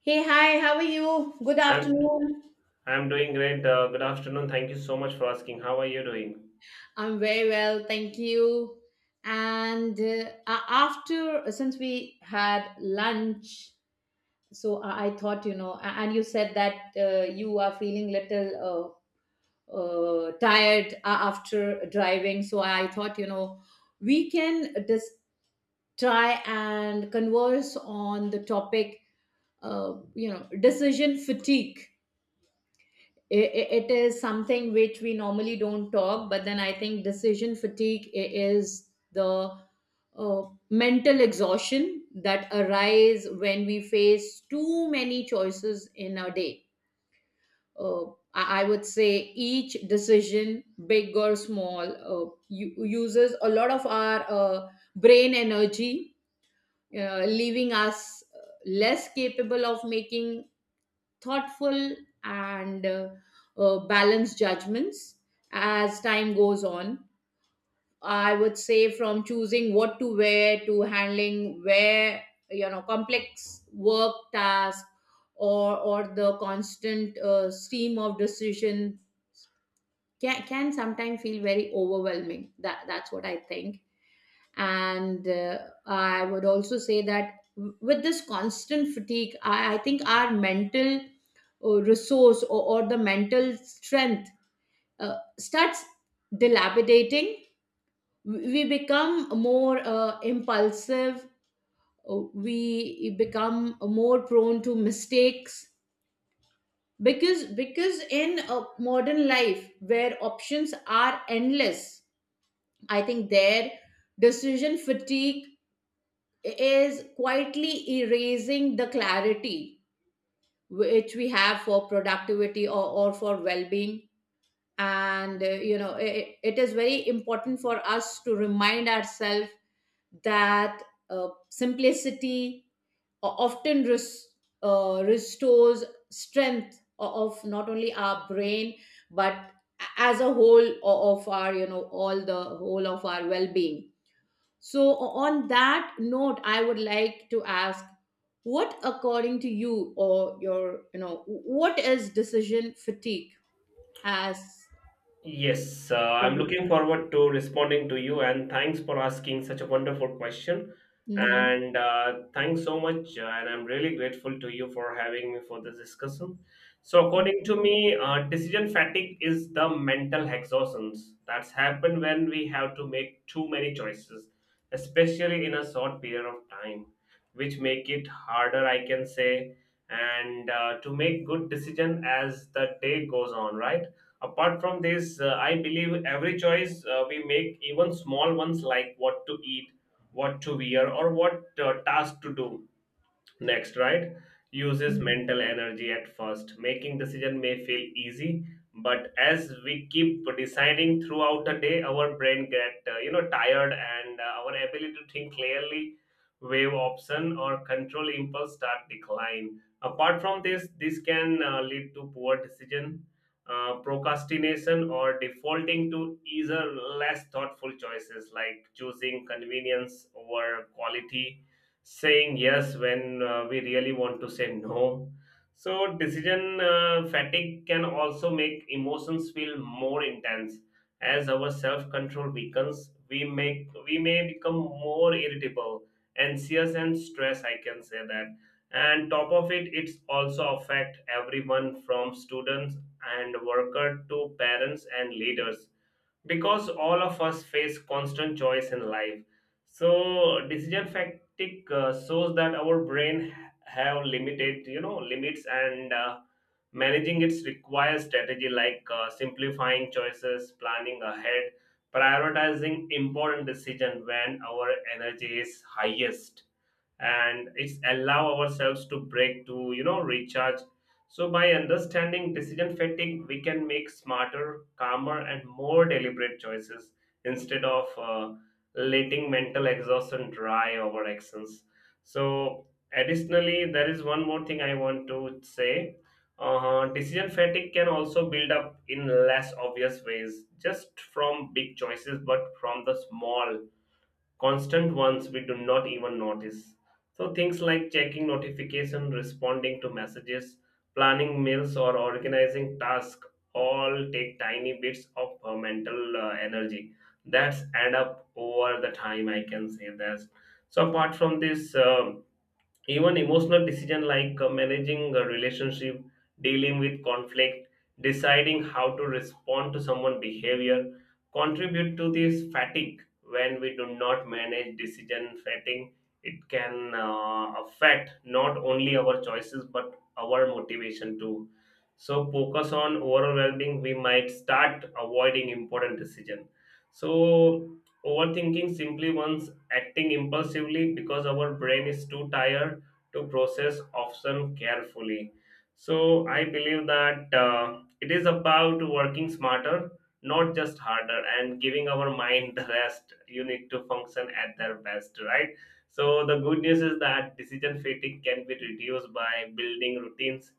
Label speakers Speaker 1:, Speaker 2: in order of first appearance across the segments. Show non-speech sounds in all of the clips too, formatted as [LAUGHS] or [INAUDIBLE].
Speaker 1: Hey, hi, how are you? Good
Speaker 2: I'm
Speaker 1: afternoon.
Speaker 2: I'm doing great. Good afternoon. Thank you so much for asking. How are you doing?
Speaker 1: I'm very well, thank you. After since we had lunch, I thought, you know, and you said that you are feeling little tired after driving. So I thought, you know, we can just try and converse on the topic, you know, decision fatigue. It is something which we normally don't talk, but then I think decision fatigue is the uh, mental exhaustion that arise when we face too many choices in a day. Uh, I, I would say each decision, big or small, uses a lot of our brain energy, leaving us less capable of making thoughtful and balanced judgments as time goes on. I would say from choosing what to wear to handling, where, you know, complex work tasks or the constant stream of decision can sometimes feel very overwhelming. That's what I think. And I would also say that with this constant fatigue, I think our mental resource, or the mental strength, starts dilapidating. We become more impulsive, we become more prone to mistakes, because in a modern life where options are endless, I think their decision fatigue is quietly erasing the clarity which we have for productivity, or for well-being. And you know, it is very important for us to remind ourselves that simplicity often restores strength of not only our brain, but as a whole of our, you know, all the whole of our well-being. So, on that note, I would like to ask, what, according to you, or your, you know, what is decision fatigue as
Speaker 2: Yes,
Speaker 1: for
Speaker 2: I'm
Speaker 1: you?
Speaker 2: looking forward to responding to you, and thanks for asking such a wonderful question.
Speaker 1: Mhm.
Speaker 2: And Thanks so much, and I'm really grateful to you for having me for this discussion. So,
Speaker 1: Thank
Speaker 2: according to
Speaker 1: you.
Speaker 2: me, decision fatigue is the mental exhaustions that's happened when we have to make too many choices, especially in a short period of time, which make it harder, I can say, and to make good decision as the day goes on, right? Apart from this, I believe every choice we make, even small ones like what to eat, what to wear, or what task to do, next, right? Uses mental energy at first. Making decision may feel easy, but as we keep deciding throughout the day, our brain get you know, tired, and our ability to think clearly, waive option or control impulse start decline. Apart from this, this can lead to poor decision, procrastination, or defaulting to either less thoughtful choices like choosing convenience over quality, saying yes when we really want to say no. So, decision fatigue can also make emotions feel more intense. As our self control weakens, we may become more irritable, anxious, and stressed. I can say that. And top of it, it's also affect everyone from students and worker to parents and leaders, because all of us face constant choice in life. So decision fatigue shows that our brain have limited, you know, limits, and managing it requires strategy like simplifying choices, planning ahead, prioritizing important decision when our energy is highest, and it's allow ourselves to break to, you know, recharge. So by understanding decision fatigue, we can make smarter, calmer, and more deliberate choices instead of letting mental exhaustion drive our actions. So additionally, there is one more thing I want to say. Decision fatigue can also build up in less obvious ways, just from big choices but from the small constant ones we do not even notice. So things like checking notification, responding to messages, planning meals or organizing tasks all take tiny bits of mental energy that's add up over the time, I can say that. So apart from this, even emotional decision like managing a relationship, dealing with conflict, deciding how to respond to someone's behavior, contribute to this fatigue. When we do not manage decision fatigue, it can affect not only our choices but our motivation too. So focus on overall well-being, we might start avoiding important decision. So overthinking simply means acting impulsively because our brain is too tired to process option carefully. So I believe that it is about working smarter, not just harder, and giving our mind the rest you need to function at their best, right? So the good news is that decision fatigue can be reduced by building routines,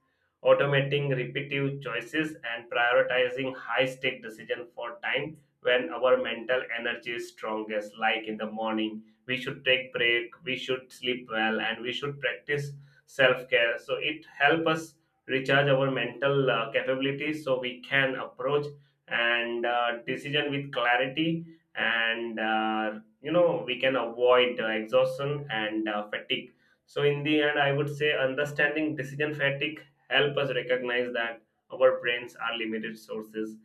Speaker 2: automating repetitive choices, and prioritizing high-stake decision for time when our mental energy is strongest, like in the morning. We should take break, we should sleep well, and we should practice self-care, so it help us recharge our mental capabilities, so we can approach and decision with clarity and you know, we can avoid exhaustion and fatigue. So in the end, I would say understanding decision fatigue help us recognize that our brains are limited sources,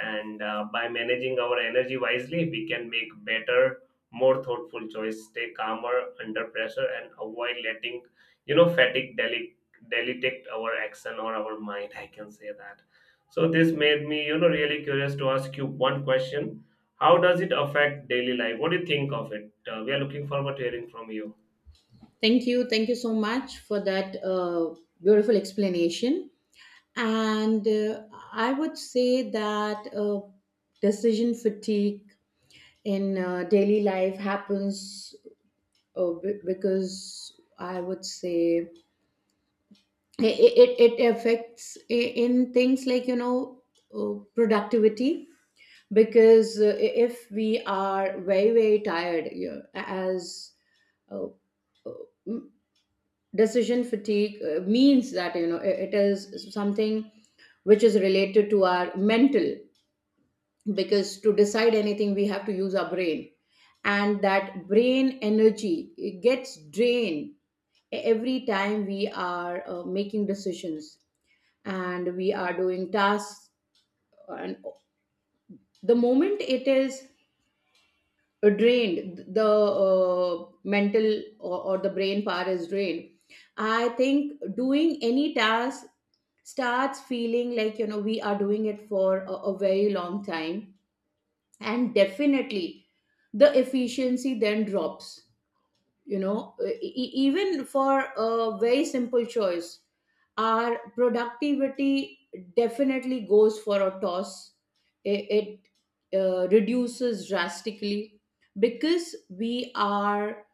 Speaker 2: and by managing our energy wisely, we can make better, more thoughtful choice, stay calmer under pressure, and avoid letting, you know, fatigue delicate our action or our mind, I can say that. So this made me, you know, really curious to ask you one question: how does it affect daily life, what do you think of it? We are looking forward to hearing from you.
Speaker 1: Thank you. Thank you so much for that beautiful explanation. And I would say that decision fatigue in daily life happens because, I would say, it affects in things like, you know, productivity, because if we are very very tired, you know, as uh, uh, m- decision fatigue means that, you know, it is something which is related to our mental, because to decide anything we have to use our brain, and that brain energy, it gets drained every time we are making decisions and we are doing tasks. And the moment it is drained, the mental, or the brain power is drained, I think doing any task starts feeling like, you know, we are doing it for a very long time, and definitely the efficiency then drops, you know, even for a very simple choice, our productivity definitely goes for a toss. It reduces drastically, because we are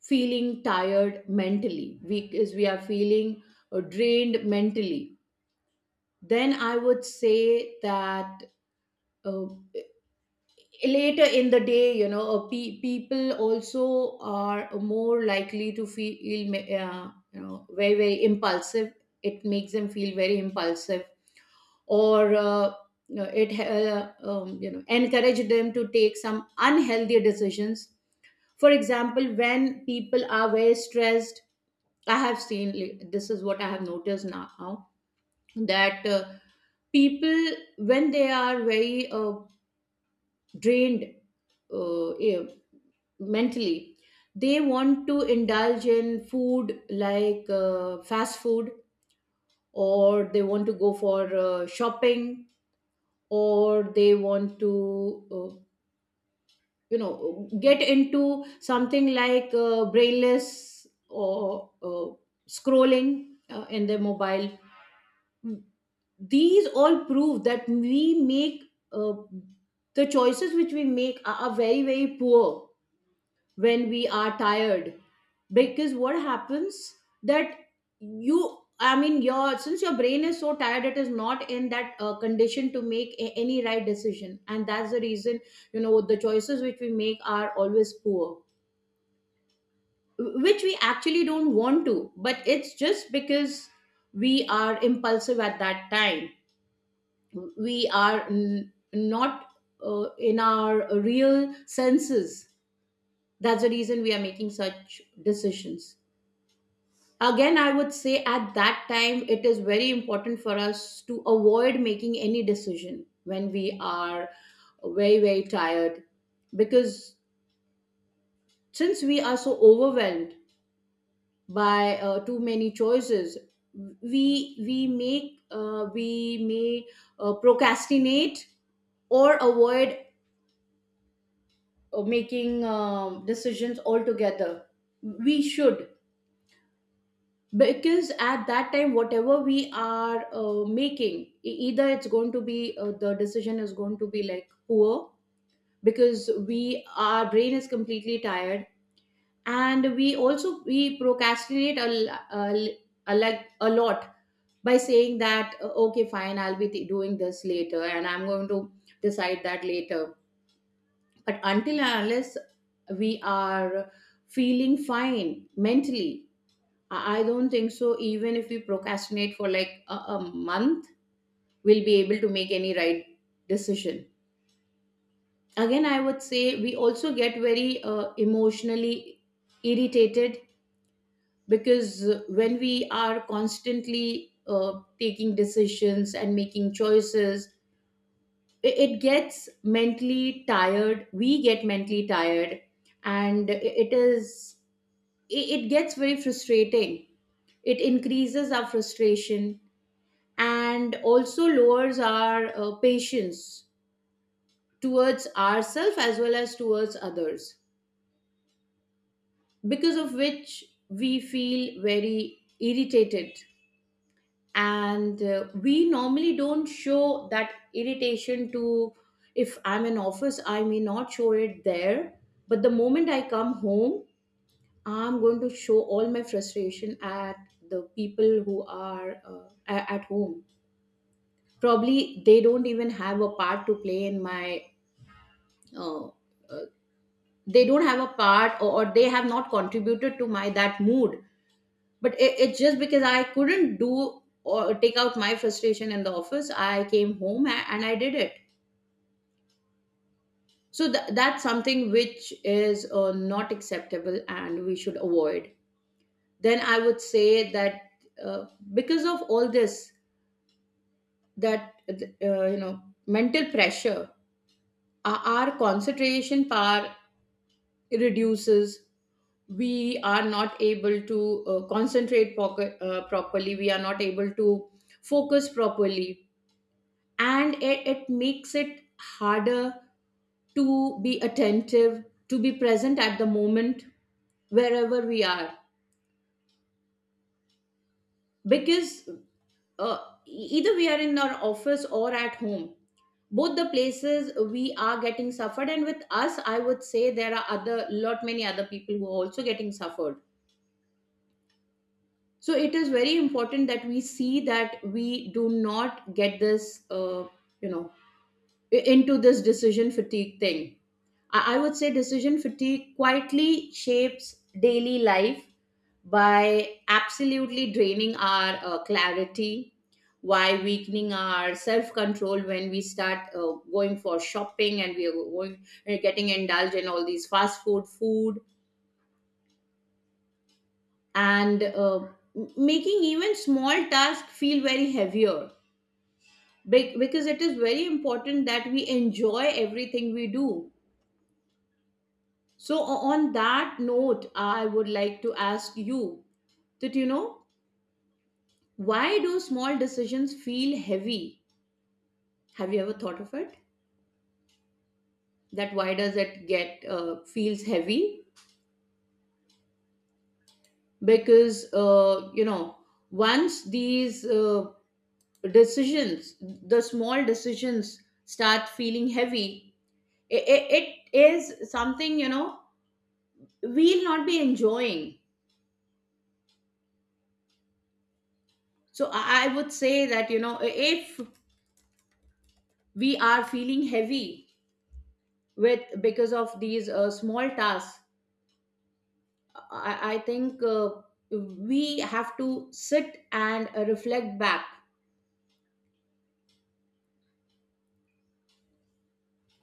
Speaker 1: feeling tired mentally, because we are feeling drained mentally. Then I would say that uh, later in the day, you know, people also are more likely to feel, you know, very very impulsive. It makes them feel very impulsive. Or You know, it you know, encourage them to take some unhealthy decisions. For example, when people are very stressed, I have seen, like, this is what I have noticed now, that people, when they are very drained, yeah, mentally, they want to indulge in food like fast food, or they want to go for shopping, or they want to you know, get into something like brainless, or scrolling in their mobile. These all prove that we make, uh, the choices which we make are very very poor when we are tired. Because what happens, that, you, I mean your, since your brain is so tired, it is not in that condition to make any right decision, and that's the reason, you know, the choices which we make are always poor, which we actually don't want to, but it's just because we are impulsive at that time. We are not in our real senses, that's the reason we are making such decisions. Again, I would say at that time, it is very important for us to avoid making any decision when we are very, very tired. Because since we are so overwhelmed by too many choices, we may procrastinate or avoid making decisions altogether. We should, because at that time, whatever we are making, either it's going to be the decision is going to be like poor, because we, our brain is completely tired. And we also, we procrastinate like a lot, by saying that, okay, fine, I'll be doing this later, and I'm going to decide that later. But until and unless we are feeling fine mentally, I don't think so. Even if we procrastinate for like a month, we'll be able to make any right decision. Again, I would say we also get very emotionally irritated, because when we are constantly taking decisions and making choices, it gets mentally tired. We get mentally tired, and it gets very frustrating. It increases our frustration, and also lowers our patience towards ourselves as well as towards others, because of which we feel very irritated. And we normally don't show that irritation to, if I'm in office, I may not show it there. But the moment I come home, I'm going to show all my frustration at the people who are at home. Probably they don't even have a part to play in my uh, uh, they don't have a part, or they have not contributed to my that mood, but it's just because I couldn't do or take out my frustration in the office, I came home and I did it. So that's something which is not acceptable, and we should avoid. Then I would say that uh, because of all this, that you know, mental pressure, our concentration power reduces. We are not able to concentrate properly, we are not able to focus properly, and it makes it harder to be attentive, to be present at the moment wherever we are. Because uh, either we are in our office or at home, both the places we are getting suffered, and with us, I would say there are other lot, many other people who are also getting suffered. So it is very important that we see that we do not get this, you know, into this decision fatigue thing. I would say decision fatigue quietly shapes daily life by absolutely draining our clarity, by weakening our self control, when we start going for shopping and we are going getting indulged in all these fast food food, and making even small tasks feel very heavier. Because it is very important that we enjoy everything we do. So on that note, I would like to ask you, that you know, why do small decisions feel heavy? Have you ever thought of it, that why does it get, feels heavy? Because you know, once these decisions, the small decisions start feeling heavy, it, it is something, you know, we'll not be enjoying. So I would say that, you know, if we are feeling heavy with, because of these small tasks, I think we have to sit and reflect back.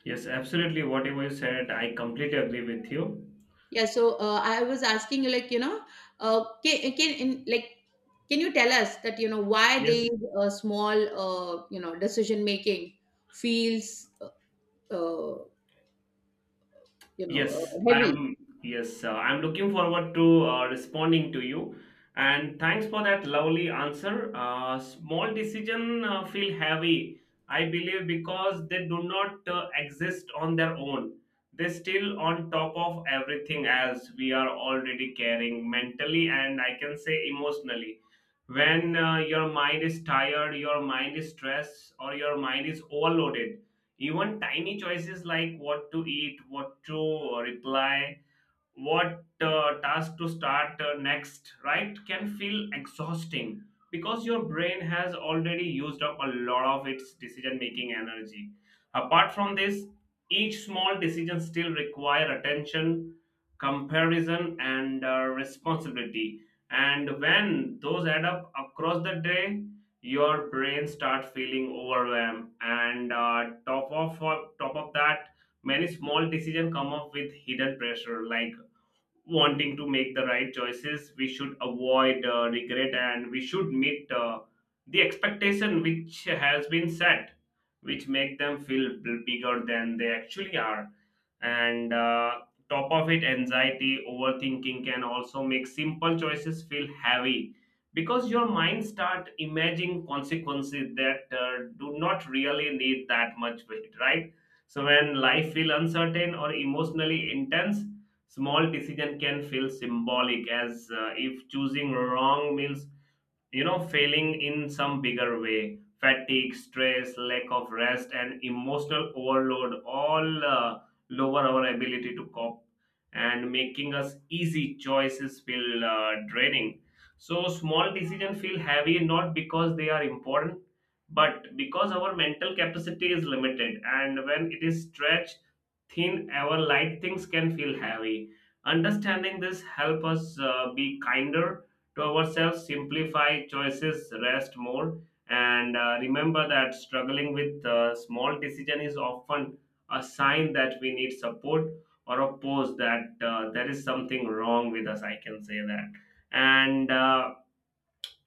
Speaker 2: Yes, absolutely, whatever you said I completely agree with you.
Speaker 1: Yeah. So I was asking you, like, you know, can in, like, can you tell us that, you know, why these
Speaker 2: Yes.
Speaker 1: small, you know, decision making feels uh, you know
Speaker 2: Yes, I
Speaker 1: heavy?
Speaker 2: am. Yes, I'm looking forward to responding to you. And thanks for that lovely answer. Small decision feel heavy, I believe, because they do not exist on their own. They still on top of everything else we are already carrying mentally and I can say emotionally. When your mind is tired, your mind is stressed, or your mind is overloaded, even tiny choices like what to eat, what to reply, what task to start next, right, can feel exhausting because your brain has already used up a lot of its decision making energy. Apart from this, each small decision still require attention, comparison, and responsibility. And when those add up across the day, your brain start feeling overwhelmed. And top of that, many small decisions come up with hidden pressure like wanting to make the right choices, we should avoid regret, and we should meet the expectation which has been set, which make them feel bigger than they actually are, and top of it, anxiety, overthinking can also make simple choices feel heavy because your mind start imagining consequences that do not really need that much weight, right? So when life feel uncertain or emotionally intense, small decision can feel symbolic, as if choosing wrong means, you know, failing in some bigger way. Fatigue, stress, lack of rest, and emotional overload all lower our ability to cope, and making us easy choices feel draining. So small decision feel heavy not because they are important but because our mental capacity is limited, and when it is stretched thin, our light things can feel heavy. Understanding this help us be kinder to ourselves, simplify choices, rest more, and remember that struggling with small decision is often a sign that we need support or a pause, that there is something wrong with us. I can say that, and.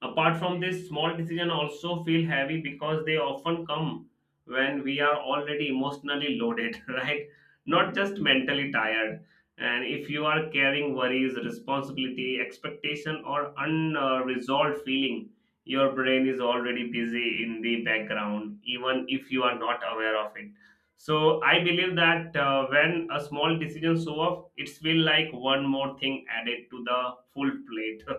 Speaker 2: Apart from this, small decisions also feel heavy because they often come when we are already emotionally loaded, [LAUGHS] right? Not just mentally tired. And if you are carrying worries, responsibility, expectation, or unresolved feeling, your brain is already busy in the background, even if you are not aware of it. So I believe that when a small decision show up, it's feel like one more thing added to the full plate. [LAUGHS]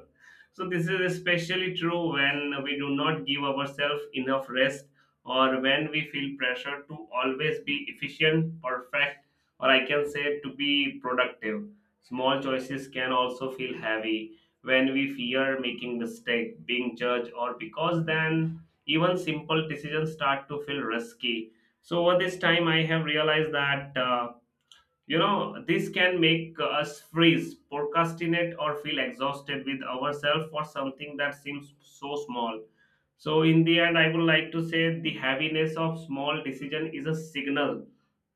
Speaker 2: So this is especially true when we do not give ourselves enough rest, or when we feel pressure to always be efficient, perfect, or I can say to be productive. Small choices can also feel heavy when we fear making mistake, being judged, or because then even simple decisions start to feel risky. So over this time, I have realized that. You know, this can make us freeze, procrastinate, or feel exhausted with ourselves for something that seems so small. So, in the end, I would like to say the heaviness of small decision is a signal,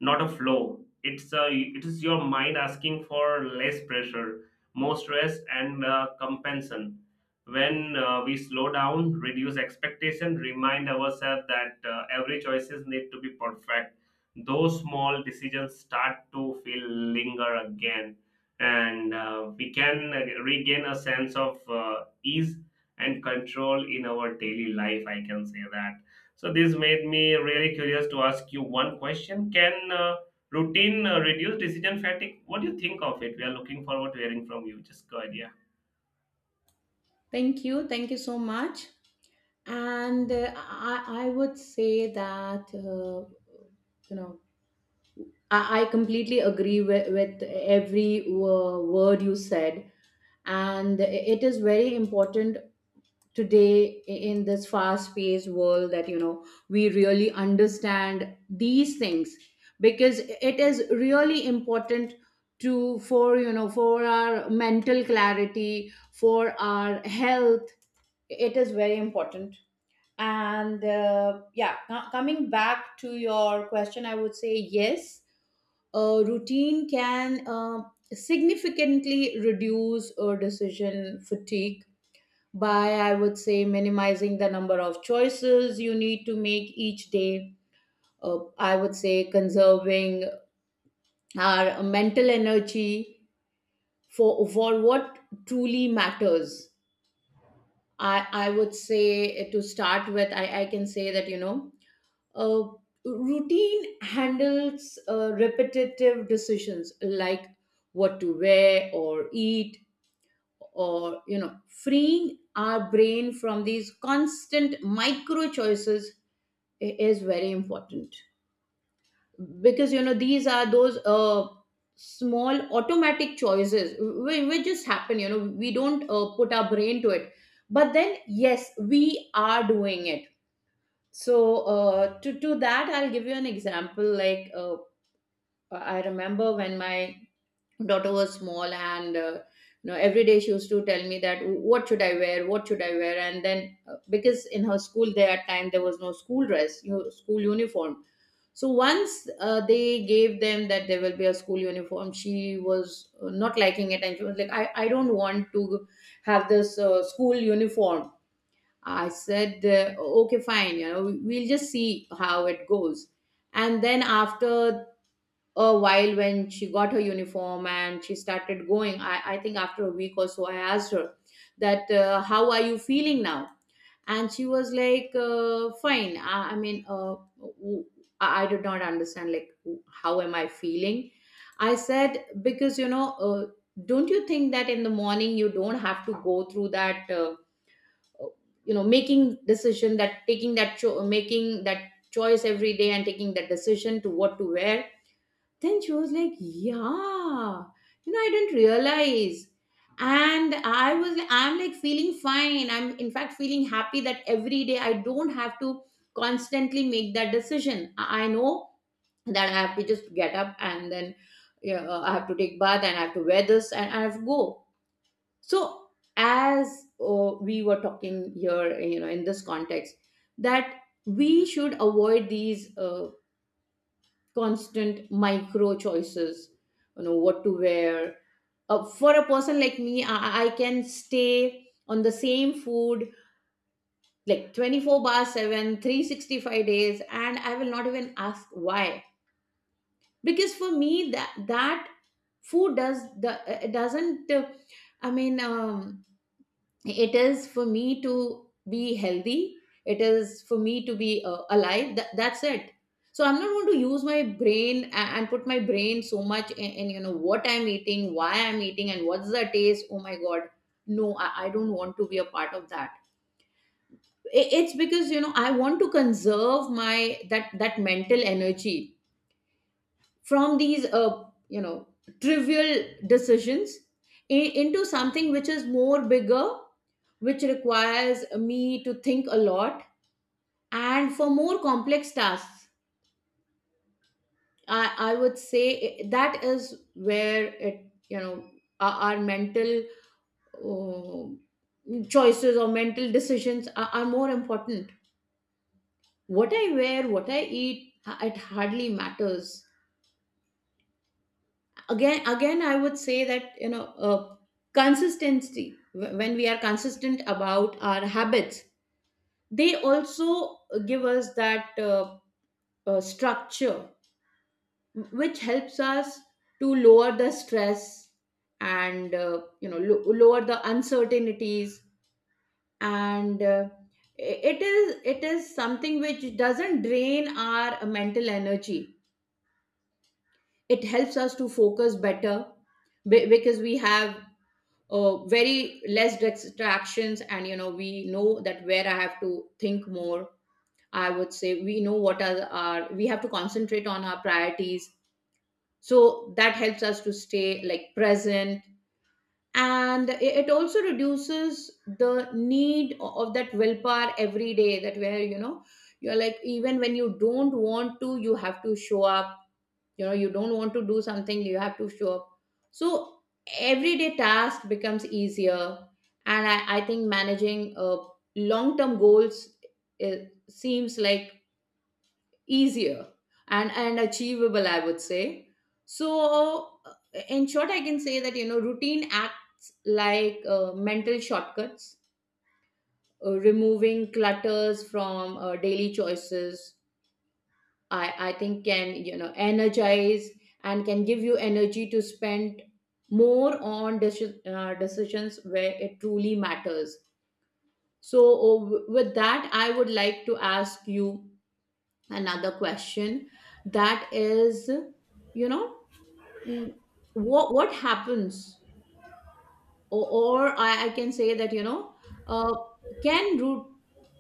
Speaker 2: not a flow. It is your mind asking for less pressure, more stress, and compensation. When we slow down, reduce expectation, remind ourselves that every choices need to be perfect, those small decisions start to feel linger again, and we can regain a sense of ease and control in our daily life, I can say that. So this made me really curious to ask you one question: can routine reduce decision fatigue, what do you think of it? We are looking forward to hearing from you, just go ahead, yeah.
Speaker 1: Thank you. Thank you so much. And I would say that, you know I completely agree with every word you said. And it is very important today, in this fast paced world, that, we really understand these things, because it is really important to for you know for our mental clarity, for our health. It is very important. And yeah, coming back to your question, I would say yes, a routine can significantly reduce decision fatigue by, I would say, minimizing the number of choices you need to make each day, I would say, conserving our mental energy for what truly matters. I would say, to start with, I can say that, uh, routine handles repetitive decisions like what to wear or eat, or, freeing our brain from these constant micro choices. Is very important, because, these are those small automatic choices, which just happen. We don't put our brain to it, but then yes, we are doing it. So, to that, I'll give you an example. I remember when my daughter was small, and, every day she used to tell me that, what should I wear, what should I wear? And then, because in her school there at time there was no school dress, school uniform. So once, they gave them that there will be a school uniform, she was not liking it, and she was like, I don't want to have this school uniform. I said, okay, fine, we'll just see how it goes. And then after a while, when she got her uniform and she started going, I think after a week or so, I asked her that, how are you feeling now? And she was like, fine. I mean, I did not understand, like, how am I feeling? I said, because, don't you think that in the morning you don't have to go through that? Making decision, that taking that, making that choice every day and taking that decision to what to wear. Then she was like, yeah, I didn't realize. And I was like, I'm like feeling fine, I'm in fact feeling happy that every day I don't have to constantly make that decision. I know that I have to just get up and then, yeah, I have to take bath and I have to wear this and I have to go. So, as, we were talking here, in this context, that we should avoid these constant micro choices, what to wear. For a person like me, I can stay on the same food like 24/7 365 days and I will not even ask why. Because for me, that food does the it doesn't I mean, it is for me to be healthy, it is for me to be alive. That's it. So I'm not going to use my brain and put my brain so much in, what I'm eating, why I'm eating, and what's the taste. Oh my god, no, I don't want to be a part of that. It's because, I want to conserve my, that mental energy, from these trivial decisions, I- into something which is more bigger, which requires me to think a lot. And for more complex tasks, I would say, that is where, it you know our mental uh, choices, or mental decisions, are more important. What I wear, what I eat, it hardly matters. Again, I would say that, uh, consistency, when we are consistent about our habits, they also give us that structure, which helps us to lower the stress and, lower the uncertainties. And, it is something which doesn't drain our mental energy. It helps us to focus better, because we have very less distractions, and we know that where I have to think more. I would say we know, what are our we have to concentrate on our priorities. So that helps us to stay like present, and it also reduces the need of that willpower every day, that where, you're like, even when you don't want to, you have to show up. You don't want to do something, you have to show up. So everyday task becomes easier, and I think managing long-term goals, it seems like easier and achievable, I would say. So, uh, in short, I can say that, routine acts like mental shortcuts, removing clutters from daily choices. I think can, energize and can give you energy to spend more on decisions where it truly matters. So, with that, I would like to ask you another question. That is, you know mm, what happens, or, or, I can say that, you know uh, can root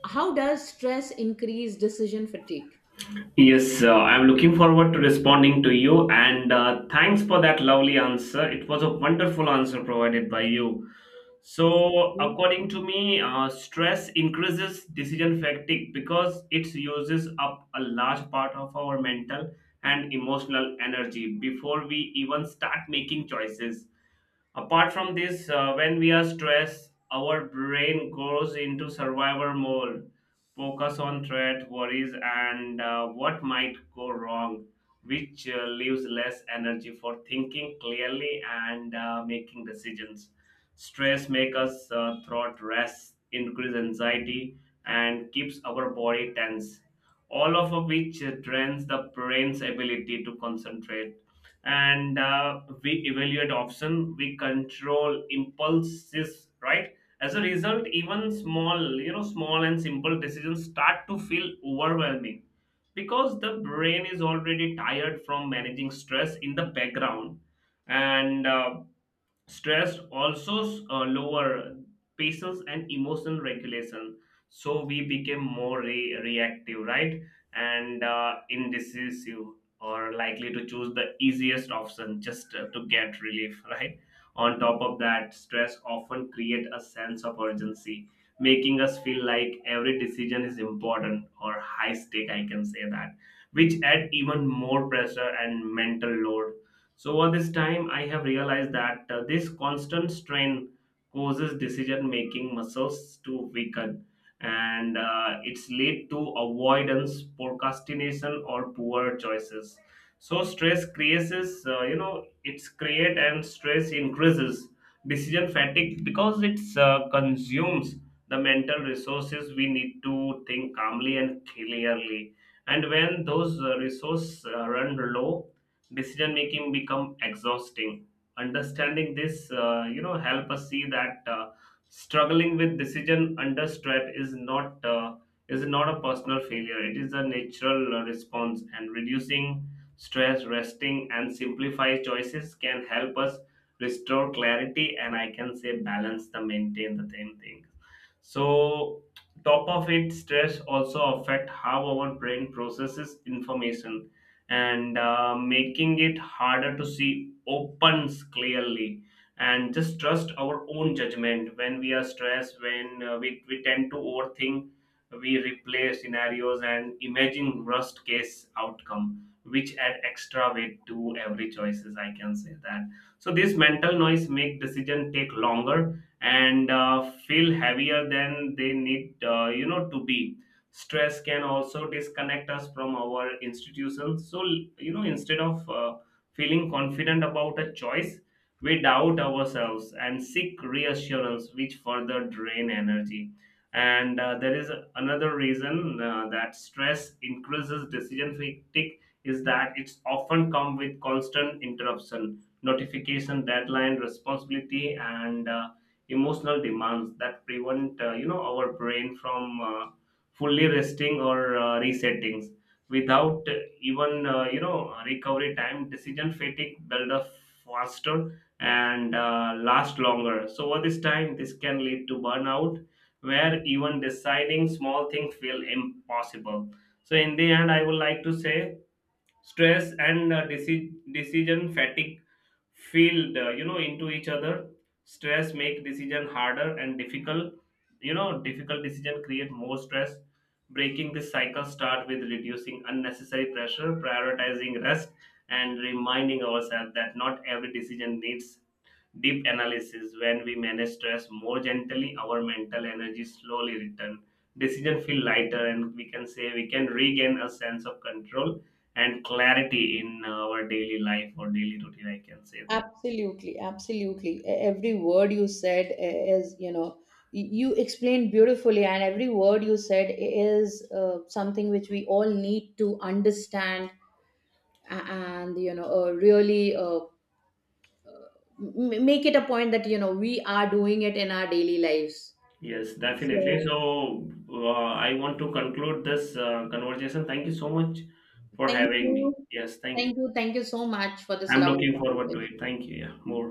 Speaker 1: how does stress increase decision fatigue?
Speaker 2: Yes, I'm looking forward to responding to you, and thanks for that lovely answer. It was a wonderful answer provided by you. So, according to me, stress increases decision fatigue because it uses up a large part of our mental and emotional energy before we even start making choices. Apart from this, when we are stressed, our brain goes into survivor mode, focus on threat, worries, and what might go wrong, which leaves less energy for thinking clearly and making decisions. Stress makes us throat rest, increase anxiety, and keeps our body tense, all of which drains the brain's ability to concentrate, and we evaluate option, we control impulses, right? As a result, even small, you know, small and simple decisions start to feel overwhelming because the brain is already tired from managing stress in the background. And stress also lower patience and emotional regulation, so we became more reactive, right, and indecisive, or likely to choose the easiest option just to get relief, [LAUGHS] right. On top of that, stress often create a sense of urgency, making us feel like every decision is important or high stake, I can say that, which add even more pressure and mental load. So over this time, I have realized that this constant strain causes decision-making muscles to weaken, and it's lead to avoidance, procrastination, or poor choices. So stress creates, you know, it's create, and stress increases decision fatigue because it's consumes the mental resources we need to think calmly and clearly. And when those resources run low, decision making become exhausting. Understanding this you know, help us see that struggling with decision under stress is not a personal failure, it is a natural response, and reducing stress, resting, and simplify choices can help us restore clarity and I can say balance, the maintain the same thing. So, top of it, stress also affect how our brain processes information, and making it harder to see opens clearly and just trust our own judgment. When we are stressed, when we tend to overthink, we replay scenarios and imagine worst case outcome, which add extra weight to every choices, I can say that. So this mental noise make decision take longer and feel heavier than they need you know to be. Stress can also disconnect us from our institutions, so, you know, instead of feeling confident about a choice, we doubt ourselves and seek reassurance, which further drain energy. And there is another reason that stress increases decision fatigue is that it's often come with constant interruption, notification, deadline, responsibility, and emotional demands that prevent you know, our brain from fully resting or resettings. Without even you know, recovery time, decision fatigue build up faster and last longer. So over this time, this can lead to burnout where even deciding small things feel impossible. So in the end, I would like to say stress and decision fatigue filled you know, into each other. Stress make decision harder and difficult, you know, difficult decision create more stress. Breaking this cycle start with reducing unnecessary pressure, prioritizing rest, and reminding ourselves that not every decision needs deep analysis. When we manage stress more gently, our mental energy slowly return, decision feel lighter, and we can say we can regain a sense of control and clarity in our daily life or daily routine, I can say that.
Speaker 1: Absolutely, absolutely. Every word you said is, you explained beautifully, and every word you said is something which we all need to understand, and, really, make it a point that, we are doing it in our daily lives.
Speaker 2: Yes, definitely.
Speaker 1: So,
Speaker 2: So I want to conclude this conversation. Thank you so much for
Speaker 1: thank
Speaker 2: having me.
Speaker 1: you.
Speaker 2: Yes, thank
Speaker 1: Thank
Speaker 2: you.
Speaker 1: you. Thank you so much for this
Speaker 2: I'm
Speaker 1: lovely
Speaker 2: looking forward to
Speaker 1: conversation.
Speaker 2: it. Thank you. Yeah, more.